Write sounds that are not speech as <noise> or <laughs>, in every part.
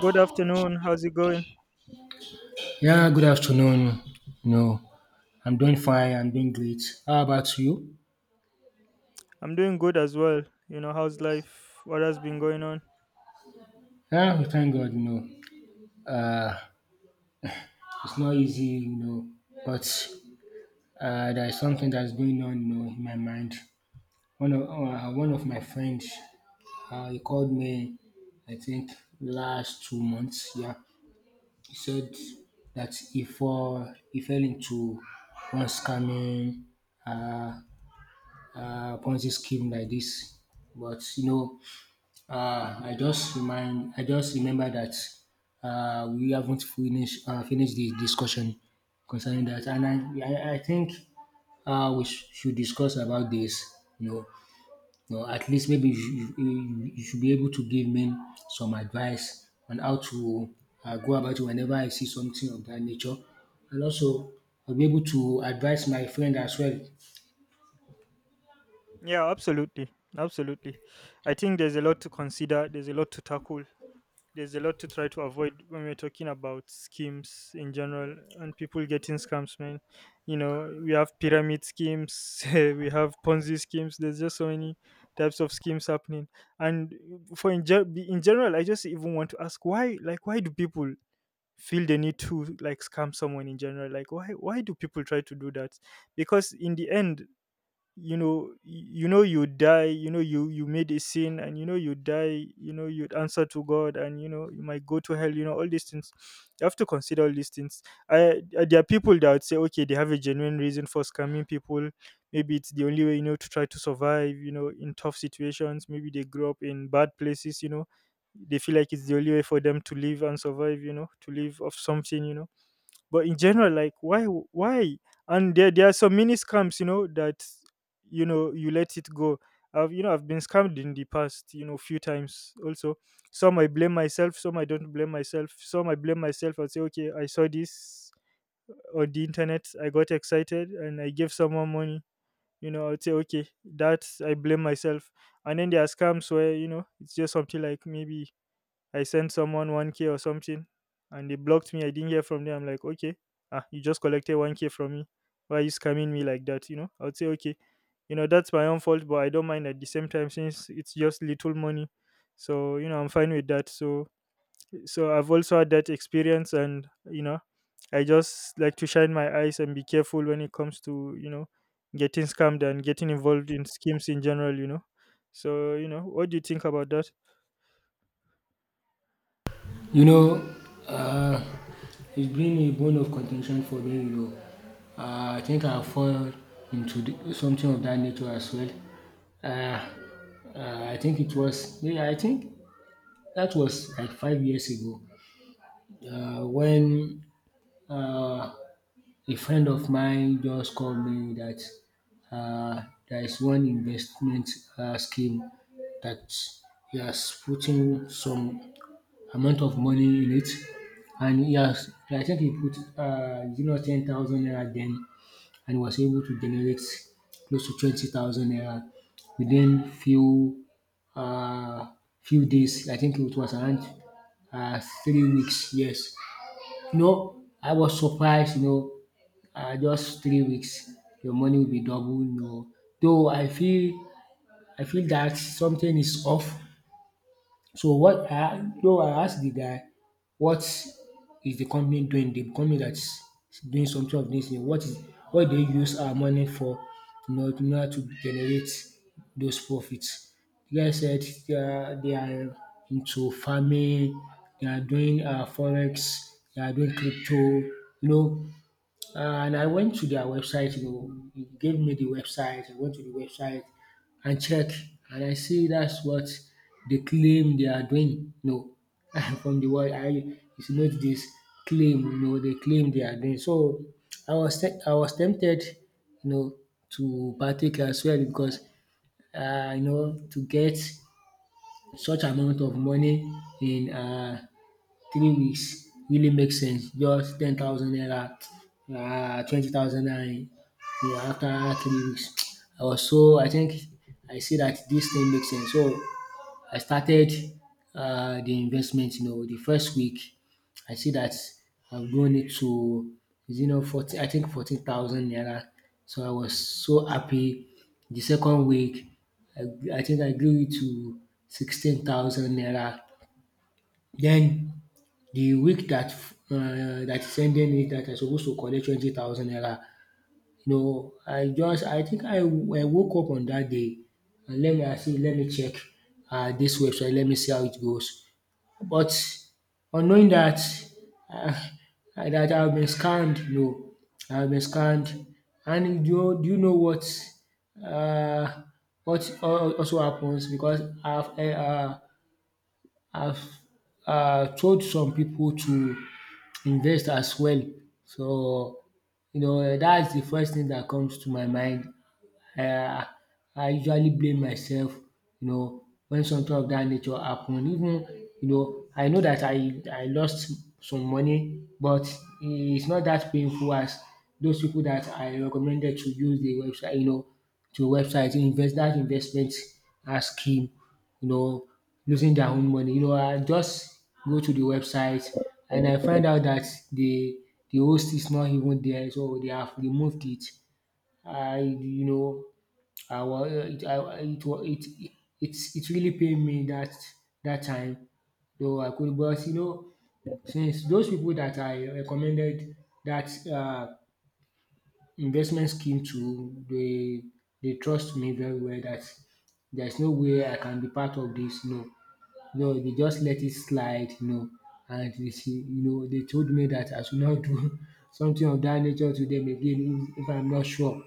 Good afternoon. How's it going? Yeah, good afternoon. No, I'm doing fine. I'm doing great. How about you? I'm doing good as well. You know, how's life? What has been going on? Yeah, we thank God. Uh, it's not easy. You know, but There is something that's going on, you know, in my mind. One of my friends, he called me. I think last 2 months. Yeah, he said that he fell into one scamming uh, Ponzi scheme like this. But you know, I just remember that we haven't finished finished the discussion concerning that, and I think we should discuss about this. You know, at least maybe you should be able to give me some advice on how to go about it whenever I see something of that nature, and also I'll be able to advise my friend as well. Yeah, absolutely. Absolutely. I think there's a lot to consider, there's a lot to tackle, there's a lot to try to avoid when we're talking about schemes in general and people getting scams, man. You know, we have pyramid schemes, <laughs> we have Ponzi schemes, there's just so many types of schemes happening. And in general, I just even want to ask why, like, why do people feel the need to like scam someone in general. Like, why do people try to do that? Because in the end, you know, you know, you die, you know, you made a sin, and you know, you die, you know, you'd answer to God, and you know, you might go to hell, you know, all these things. You have to consider all these things. I There are people that would say, okay, they have a genuine reason for scamming people. Maybe it's the only way, you know, to try to survive, you know, in tough situations. Maybe they grew up in bad places, you know, they feel like it's the only way for them to live and survive, you know, to live off something, you know. But in general, like, why? And there are some mini scams, you know, that you know, you let it go. I've you know I've been scammed in the past, you know, few times also. Some I blame myself, some I don't blame myself, some I blame myself and say, okay, I saw this on the internet, I got excited, and I gave someone money. You know, I'd say, okay, that I blame myself. And then there are scams where, you know, it's just something like maybe I sent someone 1K or something and they blocked me. I didn't hear from them. I'm like, okay, you just collected 1K from me. Why are you scamming me like that? You know, I would say, okay, you know, that's my own fault, but I don't mind at the same time since it's just little money. So, you know, I'm fine with that. So, so I've also had that experience and, you know, I just like to shine my eyes and be careful when it comes to, you know, getting scammed and getting involved in schemes in general, you know. So, you know, what do you think about that? You know, uh, it's been a bone of contention for me. I think I fall into something of that nature as well. Uh, I think it was, yeah, I think that was like 5 years ago, when uh, a friend of mine just called me that uh, there is one investment scheme that he has put in some amount of money in it, and he has I think he put you know, 10,000 naira then, and was able to generate close to 20,000 naira within uh few days. I think it was around 3 weeks, yes. You know, I was surprised, you know, just 3 weeks your money will be double, you know. Though I feel that something is off. So what I though I asked the guy what is the company doing, the company that's doing something of this thing, what is what they use our money for in know in order to generate those profits? The guy said they are into farming, they are doing forex, they are doing crypto, you know. And I went to their website, you know, he gave me the website. I went to the website and check, and I see that's what they claim they are doing. No, <laughs> from the word, I it's not this claim, you know, they claim they are doing. So I was tempted, you know, to partake as well because you know, to get such amount of money in 3 weeks really makes sense. Just 10,000 naira, 20,000 naira, yeah, after 3 weeks. <tsk> I was so I think I see that this thing makes sense. So I started the investment, you know. The first week I see that I've grown it to, you know, forty. I think 14,000 naira. So I was so happy. The second week I think I grew it to 16,000 naira. Then. The week that that is ending it that I supposed to collect 20,000 naira, you know, I think I woke up on that day, and let me I say let me check dis website, let me see how it goes. But unknowing that um dat <laughs> I have been scammed, you know, I have been scammed. And do you know uh what also happens? Because I've told some people to invest as well. So, you know, that's the first thing that comes to my mind. um I usually blame myself, you know, when something of that nature happen. Even, you know, I know that I lost some money, but it's not that painful as those people that I recommended to use the website, you know, to website invest that investment scheme, you know, losing their own money. You know, I just go to the website and I find out that the the host is not even there, so they have removed it. I you know I was it I it was it It it really pained me that that time. Though I could, but you know, since those people that I recommended that investment scheme to, they trust me very well that there's no way I can be part of this. No No, they just let it slide, you know, and they say, you know, they told me that I should not do <laughs> something of that nature to them again if I'm not sure.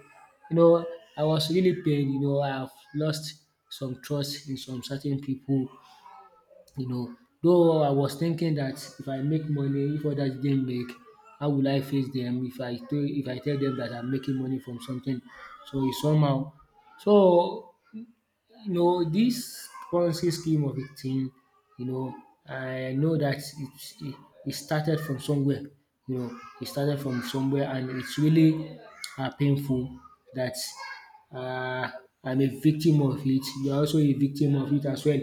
You know, I was really pained, you know, I've lost some trust in some certain people, you know. Though I was thinking that if I make money, if others didn't make, how will I face them if I tell them that I'm making money from something? So it's somehow. So you know, this currency scheme of a thing, you know, I know that it, it started from somewhere, you know, it started from somewhere. And it's really painful that uh, I'm a victim of it, you're also a victim of it as well.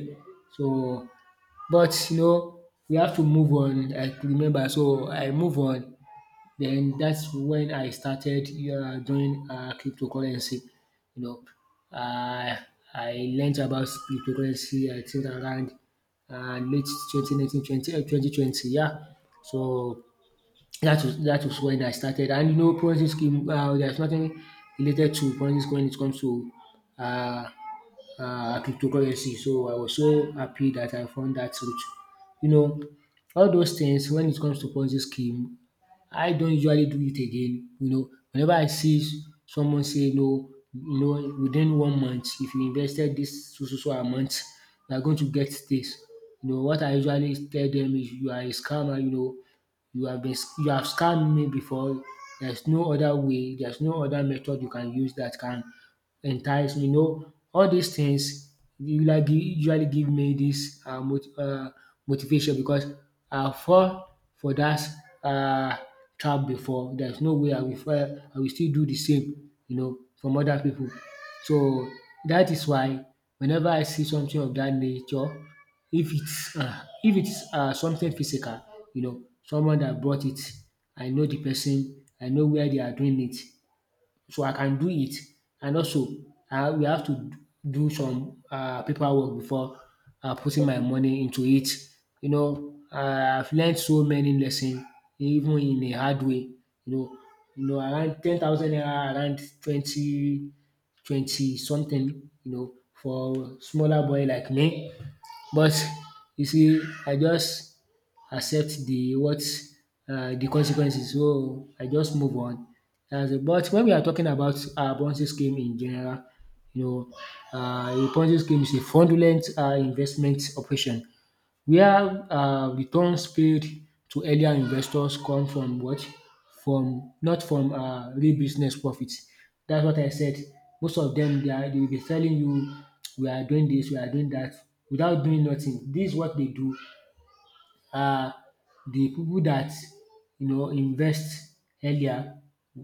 So but you know, we have to move on. I remember, so I move on. Then that's when I started doing cryptocurrency. You know, uh, I learned about cryptocurrency I think around late 2019, 20, 2020. Yeah. So that was when I started. And you know, Ponzi scheme. There's nothing related to Ponzi scheme when it comes to uh, cryptocurrency. So I was so happy that I found that route. You know, all those things when it comes to Ponzi scheme, I don't usually do it again. You know, whenever I see someone say no, you know, within one month, if you invested this so so so amount, you are going to get this. You know, what I usually tell them is you are a scammer, you know, you have scammed me before. There's no other way, there's no other method you can use that can enticed, you know. All these things usually give me this motivation, because I fall for that uh trap before. There's no way I will still do the same, you know, from other people. So that is why whenever I see something of that nature, if it's um if it's something physical, you know, someone that brought it, I know the person, I know where they are doing it, so I can do it. And also, we have to do some paperwork before putting my money into it. You know, I've learned so many lessons, even in a hard way. You know, Around 10,000 naira, around 20, 20 something. You know, for smaller boy like me, but you see, I just accept the consequences, so I just move on. Dats it. But when we are talking about Ponzi scheme in general, you know, a Ponzi scheme is a fraudulent investment operation where returns paid to earlier investors come from what? From not from real business profit. That's what I said. Most of them, they are dey be telling you we are doing this, we are doing that, without doing nothing. This is what they do. um the people that, you know, invest earlier,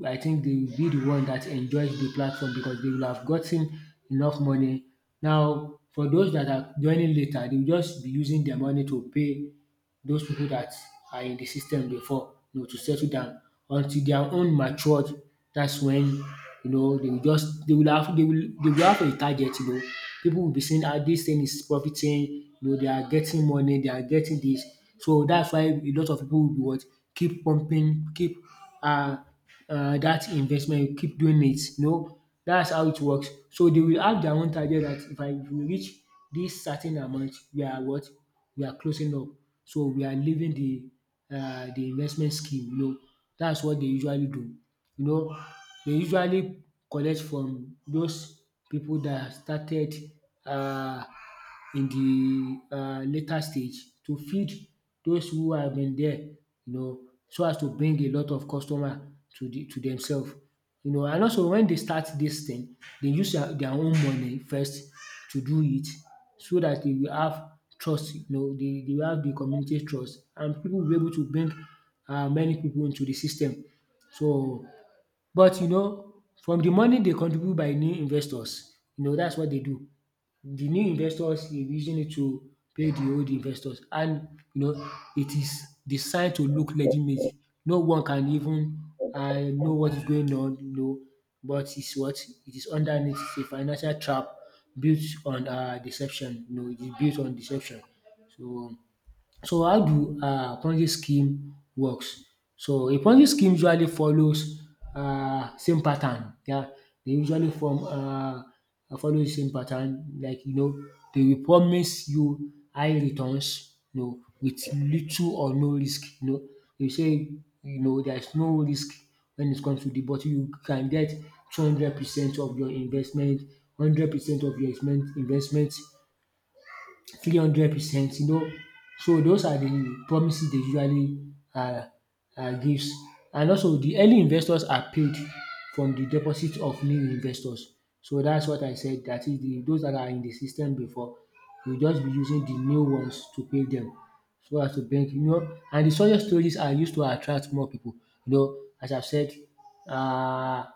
I think they will be the one that enjoys the platform because they will have gotten enough money. Now for those that are joining later, they will just be using their money to pay those people that are in the system before, you know, to settle down until their own matured. That's when, you know, they will have they will have a target. You know, people will be saying, ah, this thing is profiting, you know, they are getting money, they are getting this. So that's why a lot of people will be what, keep pumping, keep um that investment, keep doing it, you know. That's how it works. So they will have their own target that if I if we reach this certain amount, we are what, we are closing up. So we are leaving the investment scheme, you know. That's what they usually do, you know. They usually collect from those pipu dat started um in the later stage to feed those who have been there, you know, so as to bring a lot of customer to the to themselves. You know, and also when they start this thing, they use their own money first to do it, so that they will have trust, you know, they will have the community trust, and people will be able to bring many people into the system. So but you know, from the money they contribute by new investors, you know, that's what they do. The new investors dey using it to pay the old investors, and you know it is designed to look legitimate. No one can even know what is going on, you know, but it's what it is underneath is a financial trap built on deception. You know, it is built on deception. So so how do Ponzi scheme works? So a Ponzi scheme usually follows same pattern, yeah. They usually form follow the same pattern, like, you know, they will promise you high returns, you know, wit little or no risk, you know. Dey say, you know, there is no risk when it comes to the, but you can get 200% of your investment, 100% of your investment, 300%, you know. So those are the promises they usually um gives. And also the early investors are paid from the deposit of new investors. So that's what I said, dat is the those dat are in the system before will just be using the new ones to pay dem, so as to bring, you know. And the success stories are used to attract more pipu, you know, as I said, um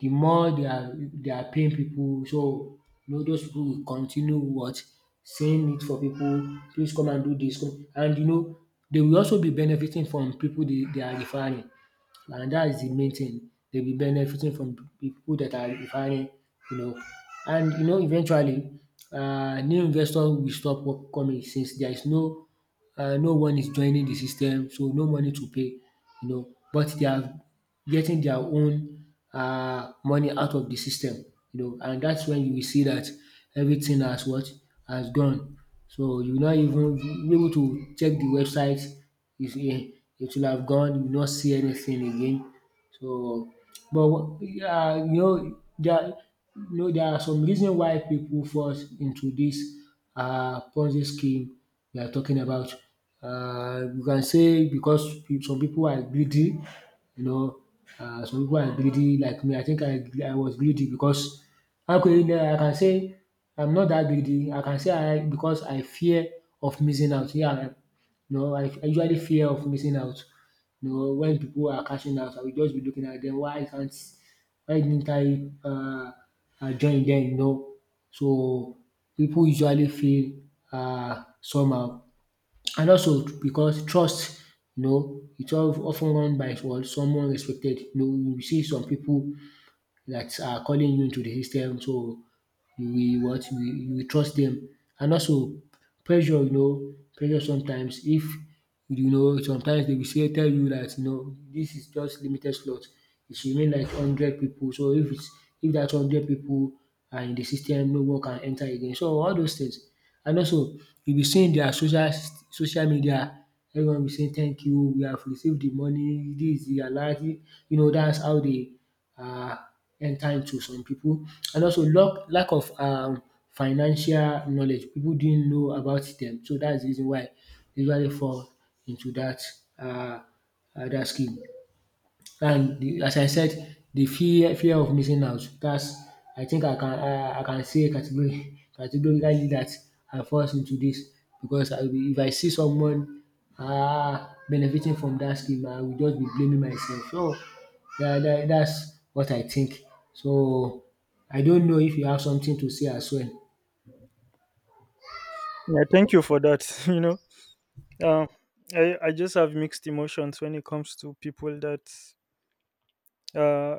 the more they are paying people. So you know those people will continue what saying it for people. Please come and do this, come and, you know, they will also be benefiting from people they are referring, and that is the main thing. They'll be benefiting from the people that are referring, you know, and you know eventually new investor will stop coming, since there is no no one is joining the system, so no money to pay, you know. But they have getting their own money out of the system, you know, and that's when you will see that everything has what? Has gone. So you will not even be able to check the website, is it? It will have gone, you will not see anything again. So but you know there are some reason why people falls into this, Ponzi scheme we are talking about. You can say because some people are greedy, you know. Some people are greedy like me. I think I was greedy because how could, you know, I can say I'm not that greedy. I can say I because I fear of missing out. Yeah, I- you know, I usually fear of missing out. You know, when people are cashing out, I will just be looking at them. Why didn't I join them? You know, so people usually feel somehow. And also because trust, you know, it's of run by, well, someone respected. You know, you see some people that are calling you into the system, so you will you will trust them. And also pressure, you know, pressure sometimes, if you know sometimes they will say tell you dat, you know, dis is just limited slot. It should remain like hundred people. So if it's if that hundred people are in the system, no one can enter again. So all those things, and also you be seeing their social media, everyone be saying thank you, we have received the money, this is the alert, you know, that's how they uh enter into some people. And also lack of financial knowledge. People didn't know about them, so that is de reason why they usually fall into dat uh that scheme. And the, as I said, the fear of missing out, that's, I think I can I can say categori <laughs> categorically that I fall into this because I will, if I see someone benefiting from that scheme, I will just be blaming myself. So dat that that's what I think. So I don't know if you have something to say as well? Yeah, thank you for that. <laughs> You know, um, I just have mixed emotions when it comes to people that uh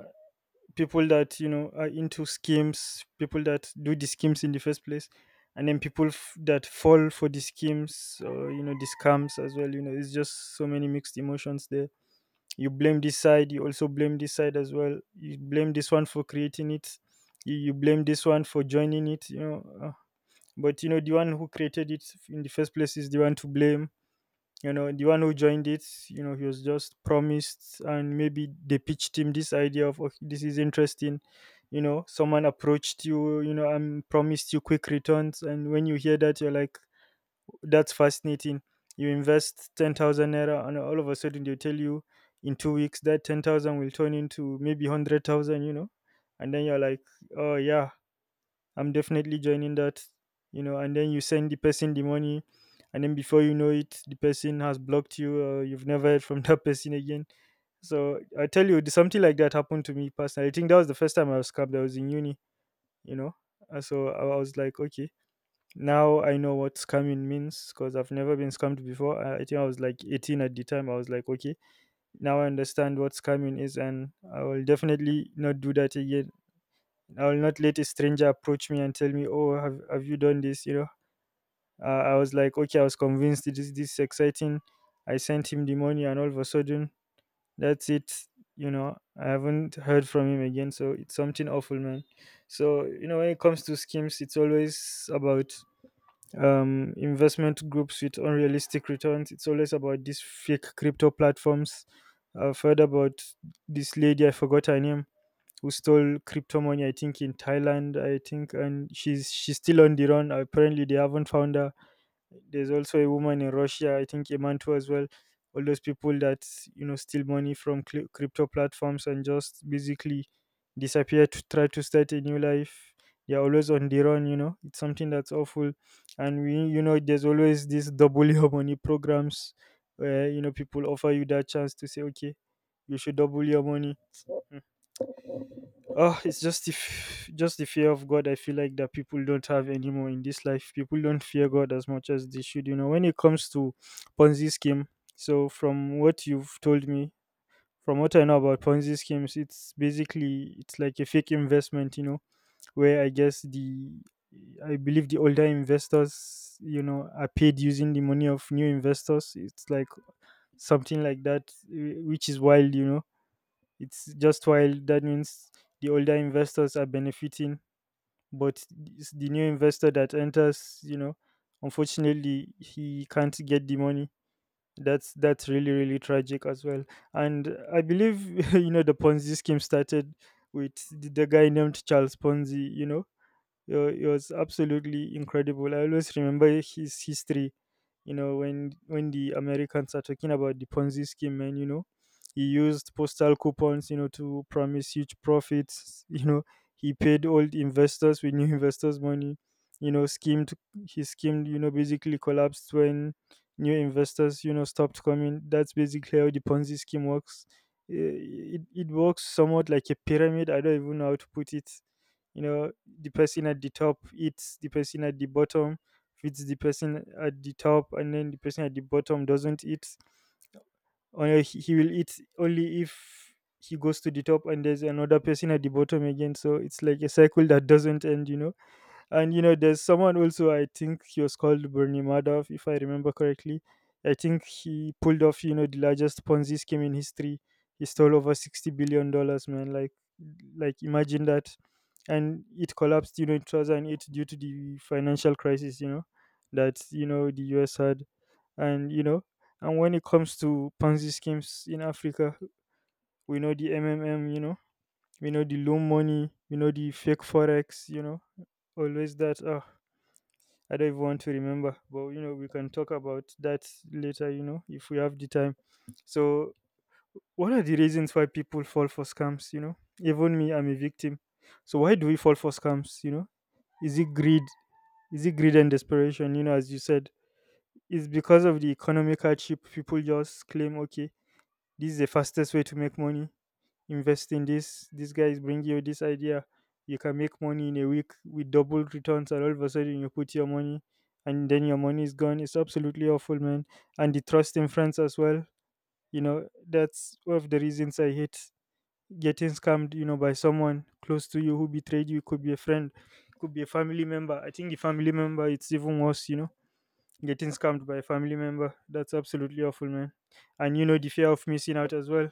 people that, you know, are into schemes, people that do the schemes in the first place, and then people that fall for the schemes or, you know, the scams as well. You know, it's just so many mixed emotions there. You blame this side, you also blame this side as well. You blame this one for creating it, you blame this one for joining it, you know. But you know, the one who created it in the first place is the one to blame. You know, the one who joined it, you know, he was just promised, and maybe they pitched him this idea of, okay, this is interesting. You know, someone approached you, you know, and promised you quick returns, and when you hear that, you're like, that's fascinating. You invest 10,000 naira and all of a sudden they tell you in 2 weeks that 10,000 will turn into maybe 100,000, you know? And then you're like, oh, yeah, I'm definitely joining that, you know? And then you send the person the money. And then before you know it, the person has blocked you, or you've never heard from <laughs> that person again. So I tell you, something like that happened to me personally. I think that was the first time I was scammed. I was in uni, you know? And so I was like, okay. Now I know what scamming means, because I've never been scammed before. I think I was like 18 at the time. I was like, okay, now I understand what scamming is, and I will definitely not do that again. I will not let a stranger approach me and tell me, oh, have you done this? You know, I was like, okay, I was convinced it is, this is exciting. I sent him the money, and all of a sudden, that's it. You know, I haven't heard from him again. So it's something awful, man. So, you know, when it comes to schemes, it's always about investment groups with unrealistic returns. It's always about these fake crypto platforms. I've heard about this lady, I forgot her name, who stole crypto money, I think in Thailand, I think, and she's still on the run. Apparently, they haven't found her. There's also a woman in Russia, I think Imantu as well. All those people that, you know, steal money from crypto platforms and just basically disappear to try to start a new life. They're always on the run. You know, it's something that's awful. And we, you know, there's always these <laughs> double your money programs where, you know, people offer you that chance to say, okay, you should double your money. Oh, it's just the just the fear of God. I feel like that people don't have anymore in this life. People don't fear God as much as they should. You know, when it comes to Ponzi scheme. So, from what you've told me, from what I know about Ponzi schemes, it's basically it's like a fake investment. You know, where I guess the I believe the older investors, you know, are paid using the money of new investors. It's like something like that, eh, which is wild. You know, it's just wild. That means the older investors are benefiting, but it's the new investor that enters, you know, unfortunately, he can't get the money. That's really really tragic as well. And I believe <laughs> you know the Ponzi scheme started with the guy named Charles Ponzi. You know, it, it was absolutely incredible. I always remember his history. You know, when the Americans are talking about the Ponzi scheme, and you know, he used postal coupons, you know, to promise huge profits. <laughs> You know, he paid old investors with new <laughs> investors' money. You know, schemed. He schemed. You know, basically collapsed when new investors, you know, stopped coming. That's basically how the Ponzi scheme works. Eh, it works somewhat like a pyramid. I don't even know how to put it. You know, the person at the top eats, the person at the bottom feeds the person at the top, and then the person at the bottom doesn't eat, or he will eat only if he goes to the top and there's another person at the bottom again. So it's like a cycle that doesn't end, you know. And you know, there's someone also. I think he was called Bernie Madoff, if I remember correctly. I think he pulled off, you know, the largest Ponzi scheme in history. He stole over $60 billion, man. Like imagine that. And it collapsed, you know, in 2008 due to the financial crisis, you know, that you know the U.S. had, and you know, and when it comes to Ponzi schemes in Africa, we know the MMM, you know, we know the loan money, we know the fake forex, you know, always that. Ah, I don't even want to remember. But you know, we can talk about that later, you know, if we have the time. So what are the reasons why people fall for scams, you know? Even me, I'm a victim. So why do we fall for scams, you know? Is it greed? Is it greed and desperation? You know, as you said, it's because of the economic hardship. People just claim, okay, this is the fastest way to make money. Invest in this, these guys bring you this idea, you can make money in a week with double returns, and all of a sudden you put your money and then your money is gone. It's absolutely awful, man. And the trust in friends as well, you know, that's one of the reasons I hate getting scammed, you know, by someone close to you who betrayed you. Could be a friend, could be a family member. I think the family member, it's even worse, you know, getting scammed by a family member. That's absolutely awful, man. And you know, the fear of missing out as well.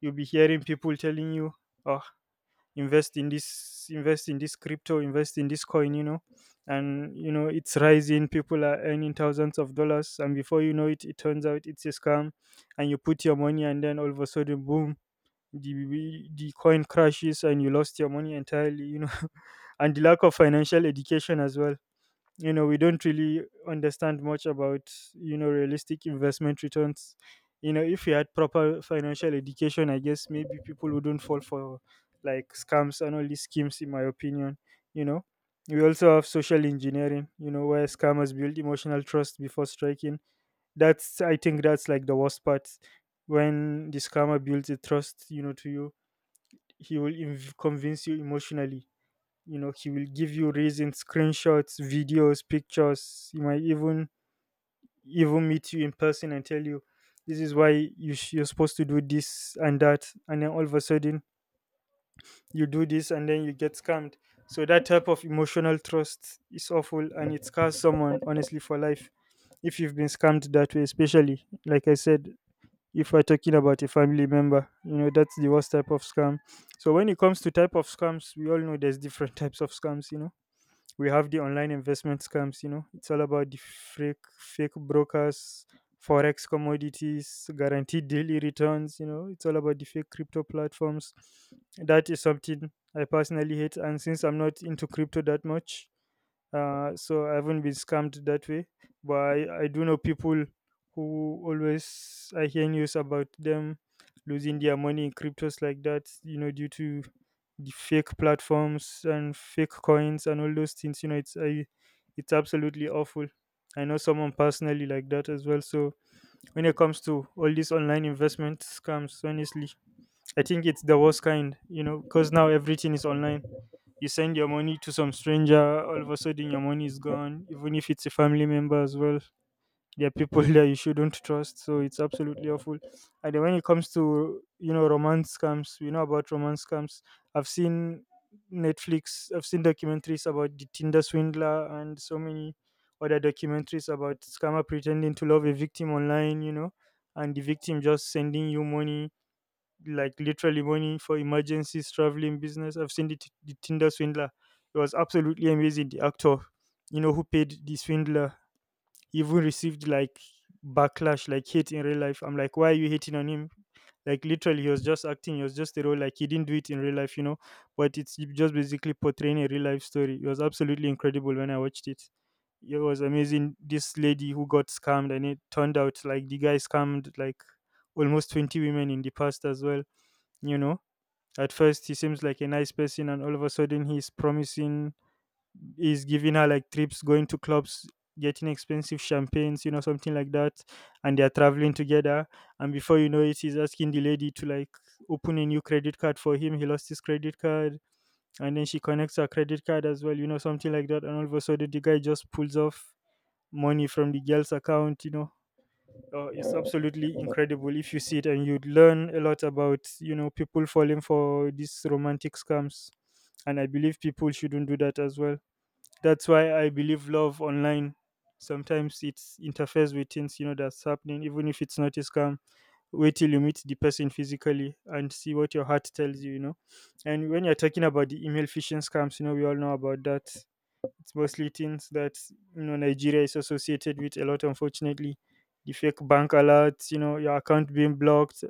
You'll be hearing people telling you, oh, invest in this, invest in this crypto, invest in this coin, you know, and you know, it's rising, people are earning thousands of dollars, and before you know it, it turns out it's a scam. And you put your money and then all of a sudden, boom, the coin crashes and you lost your money entirely, you know. <laughs> And the lack of financial education as well. You know, we don't really understand much about, you know, realistic investment returns. You know, if we had proper financial education, I guess maybe people wouldn't fall for like scams and all these schemes, in my opinion. You know, we also have social engineering, you know, where scammers build emotional trust before striking. That's, I think that's like the worst part. When the scammer builds a trust, you know, to you, he will convince you emotionally. You know, he will give you reasons, screenshots, videos, pictures. He might even even meet you in person and tell you, this is why you're supposed to do this and that, and then all of a sudden you do this and then you get scammed. So that type of emotional trust is awful, and it scars someone honestly for life if you've been scammed that way, especially like I said, if we're talking about a family member. You know, that's the worst type of scam. So when it comes to type of scams, we all know there's different <laughs> types of scams, you know. We have the online investment scams, you know. It's all about the fake brokers, forex, commodities, guaranteed daily returns. You know, it's all about the fake crypto platforms. That is something I personally hate, and since I'm not into crypto that much, so I haven't been scammed that way. But I do know people who always, I hear news about them losing their money in cryptos like that, you know, due to the fake platforms and fake coins and all those things. You know, it's it's absolutely awful. I know someone personally like that as well. So when it comes to all these online investment scams, honestly, I think it's the worst kind. You know, because now everything is online, you send your money to some stranger, all of a sudden your money is gone, even if it's a family member as well. There are people <laughs> that you shouldn't trust, so it's absolutely awful. And then when it comes to, you know, romance scams, we know about romance scams. I've seen Netflix, I've seen documentaries about the Tinder swindler and so many other documentaries about scammer pretending to love a victim online, you know, and the victim just sending you money, like literally money for emergencies, traveling, business. I've seen the Tinder swindler. It was absolutely amazing. The actor, you know, who paid the swindler, even received like backlash, like hate in real life. I'm like, why are you hating on him? Like literally, he was just acting. He was just a role. Like he didn't do it in real life, you know. But it's just basically portraying a real life story. It was absolutely incredible when I watched it. It was amazing. This lady who got scammed, and it turned out like the guy scammed like almost 20 women in the past as well. You know, at first he seems like a nice person, and all of a sudden he's promising, he's giving her like trips, going to clubs, getting expensive champagnes, you know, something like that. And they're traveling together, and before you know it, he's asking the lady to like open a new credit card for him. He lost his credit card, and then she connects her credit card as well, you know, something like that, and all of a sudden the guy just pulls off money from the girl's account, you know. Oh, it's absolutely incredible if you see it, and you'd learn a lot about, you know, people falling for these romantic scams, and I believe people shouldn't do that as well. That's why I believe love online sometimes it interferes with things, you know, that's happening, even if it's not a scam. Wait till you meet the person physically and see what your heart tells you, you know. And when you're talking about the email phishing scams, you know, we all know about that. It's mostly things that, you know, Nigeria is associated with a lot, unfortunately. The fake bank alerts, you know, your account being blocked,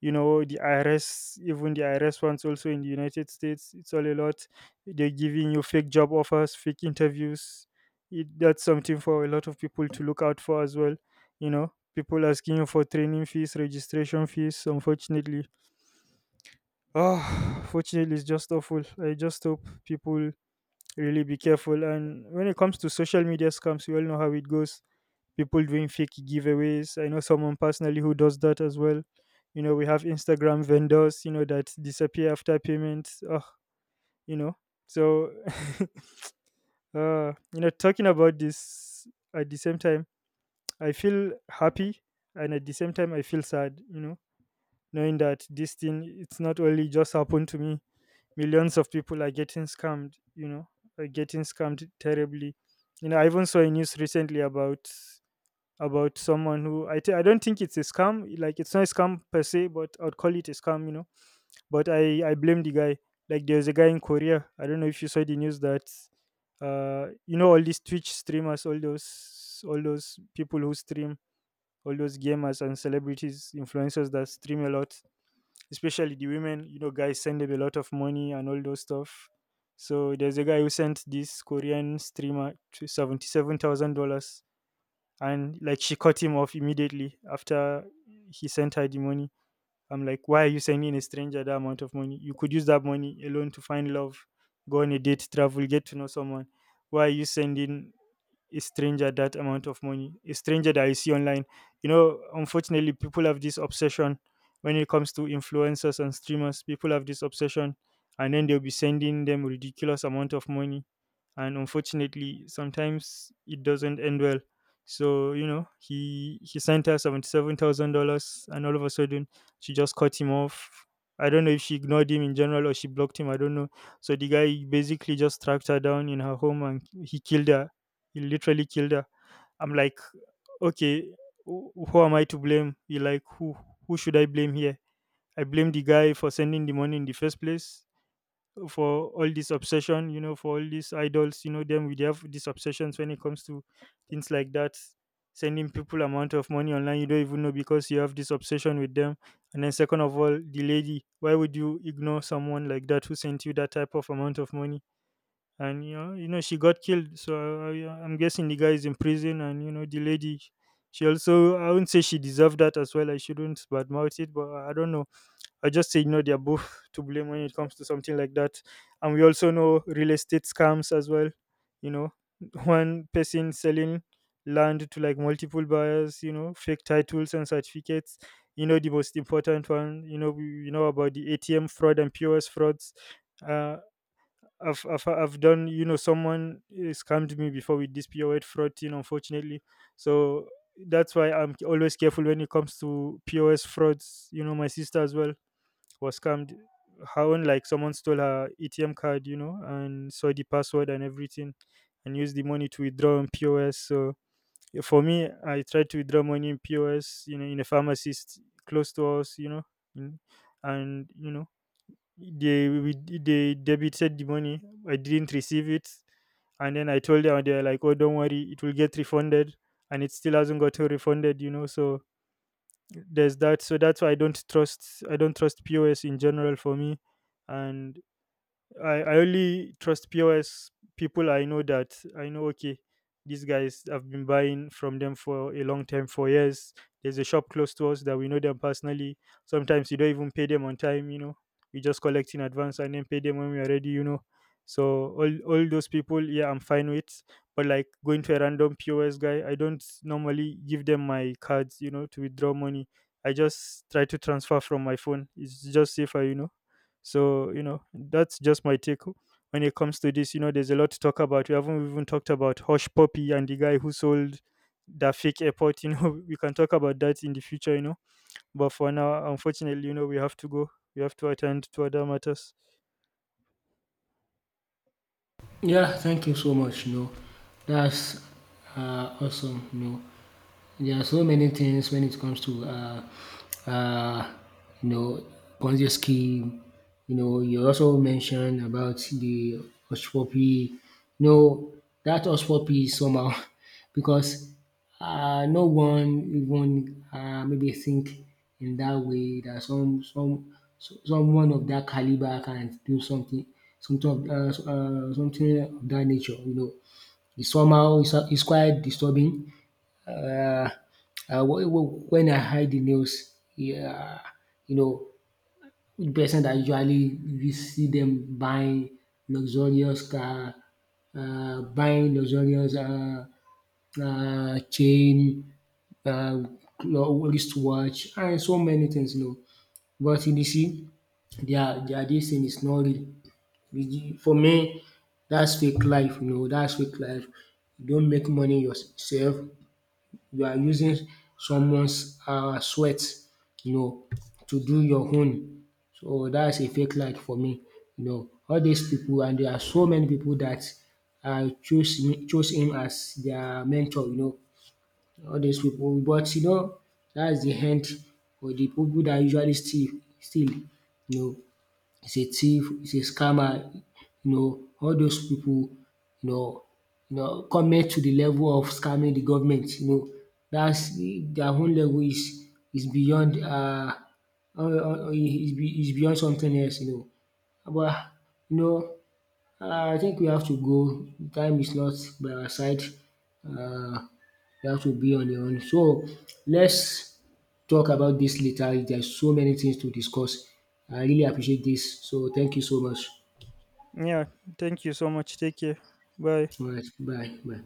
you know, the IRS, even the IRS ones also in the United States, it's all a lot. They're giving you fake job offers, fake interviews. That's something for a lot of people to look out for as well. You know, people asking you for training fees, registration fees, unfortunately. Oh, <sighs> fortunately, it's just awful. I just hope people really be careful. And when it comes to social media scams, we all know how it goes. People doing fake giveaways. I know someone personally who does that as well. You know, we have Instagram vendors, you know, that disappear after payments. Oh, you know. So, <laughs> you know, talking about this at the same time, I feel happy, and at the same time, I feel sad, you know, knowing that this thing, it's not only just happened to me, millions of people are getting scammed, you know, are getting scammed terribly. You know, I even saw a news recently about someone who I don't think it's a scam, like it's not a scam per se, but I'd call it a scam, you know. But I blame the guy. Like there was a guy in Korea, I don't know if you saw the news that, uh, you know, all these Twitch streamers, all those people who stream, all those gamers and celebrities, influencers, that stream a lot, especially the women. You know, guys send them a lot of money and all those stuff. So there's a guy who sent this Korean streamer to $77,000, and like she cut him off immediately after he sent her the money. I'm like, why are you sending a stranger that amount of money? You could use that money alone to find love, go on a date, travel, get to know someone. Why are you sending a stranger that amount of money, a stranger that I see online? You know, unfortunately, people have this obsession when it comes to influencers and streamers. People have this obsession, and then they'll be sending them ridiculous amount of money, and unfortunately sometimes it doesn't end well. So you know, he sent her $77,000, and all of a sudden she just cut him off. I don't know if she ignored him in general or she blocked him, I don't know. So the guy basically just tracked her down in her home and he killed her. He literally killed her. I'm like, okay, who am I to blame? You like who should I blame here? I blame the guy for sending the money in the first place, for all this obsession, you know, for all these idols, you know, them. We have these obsessions when it comes to things like that. Sending people amount of money online you don't even know because you have this obsession with them. And then second of all, the lady, why would you ignore someone like that who sent you that type of amount of money? And you know, she got killed. So I'm guessing the guy is in prison. And you know, the lady, she also, I wouldn't say she deserved that as well. I shouldn't badmouth it, but I don't know, I just say, you know, they're both to blame when it comes to something like that. And we also know real estate scams as well. You know, <laughs> one person selling land to like multiple buyers, you know, fake titles and certificates. You know, the most important one, you know, you know about the ATM fraud and POS frauds. Uh, I've done, you know, someone scammed me before with this POS fraud thing, unfortunately. So that's why I'm always careful when it comes to POS frauds. You know, my sister as well was scammed. Her own, like someone stole her ATM card, you know, and saw the password and everything, and used the money to withdraw on POS. So yeah, for me, I tried to withdraw money in POS, you know, in a pharmacist close to us, you know, in, and you know, they we, they debited the money. I didn't receive it, and then I told them, and they're like, "Oh, don't worry, it will get refunded," and it still hasn't got refunded, you know. So there's that. So that's why I don't trust POS in general. For me, and I only trust POS people I know, that I know, okay, these guys, I've been buying from them for a long time, for years. There's a shop close to us that we know them personally. Sometimes you don't even pay them on time, you know. We just collect in advance and then pay them when we are ready, you know. So all those people, yeah, I'm fine with. But like going to a random POS guy, I don't normally give them my cards, you know, to withdraw money. I just try to transfer from my phone. It's just safer, you know. So, you know, that's just my take when it comes to this. You know, there's a lot to talk about. We haven't even talked about Hush Puppy and the guy who sold the fake airport. You know, <laughs> we can talk about that in the future, you know. But for now, unfortunately, you know, we have to go. We have to attend to other matters. Yeah, thank you so much. No, that's Dat's awesome. No. There are so many things when it comes to uh, you know, Ponzi scheme. You know, you also mentioned about the Oshpopi. No, that Oshpopi somehow <laughs> because, no one even maybe think in that way that someone of that caliber can do something of that nature. You know, it's somehow it's quite disturbing, uh, when I hide the nails, yeah, you know, person that usually we see them buying luxurious car, buying luxurious chain, uh, wristwatch, and so many things, you know. But you see, their this thing is not real. For me, that's fake life, you know. That's fake life. You don't make money yourself. You are using someone's sweat, you know, to do your own. So that's a fake life for me. You know, all dis pipu, and there are so many pipu dat um choose choose him as their mentor, you know, all dis pipu, but you know that's de end for de pipu dat usually steal, you know, is a thief, is a scammer, you know, all those pipu, you know, you know comment to the level of scamming the government, you know, dats their own level is is beyond um is beyond something else, you know. But you know I think we have to go, time is not by our side. um you have to be on your own. So let's talk about this later. There's so many things to discuss. I really appreciate this. So thank you so much. Yeah. Thank you so much. Take care. Bye. All right. Bye. Bye.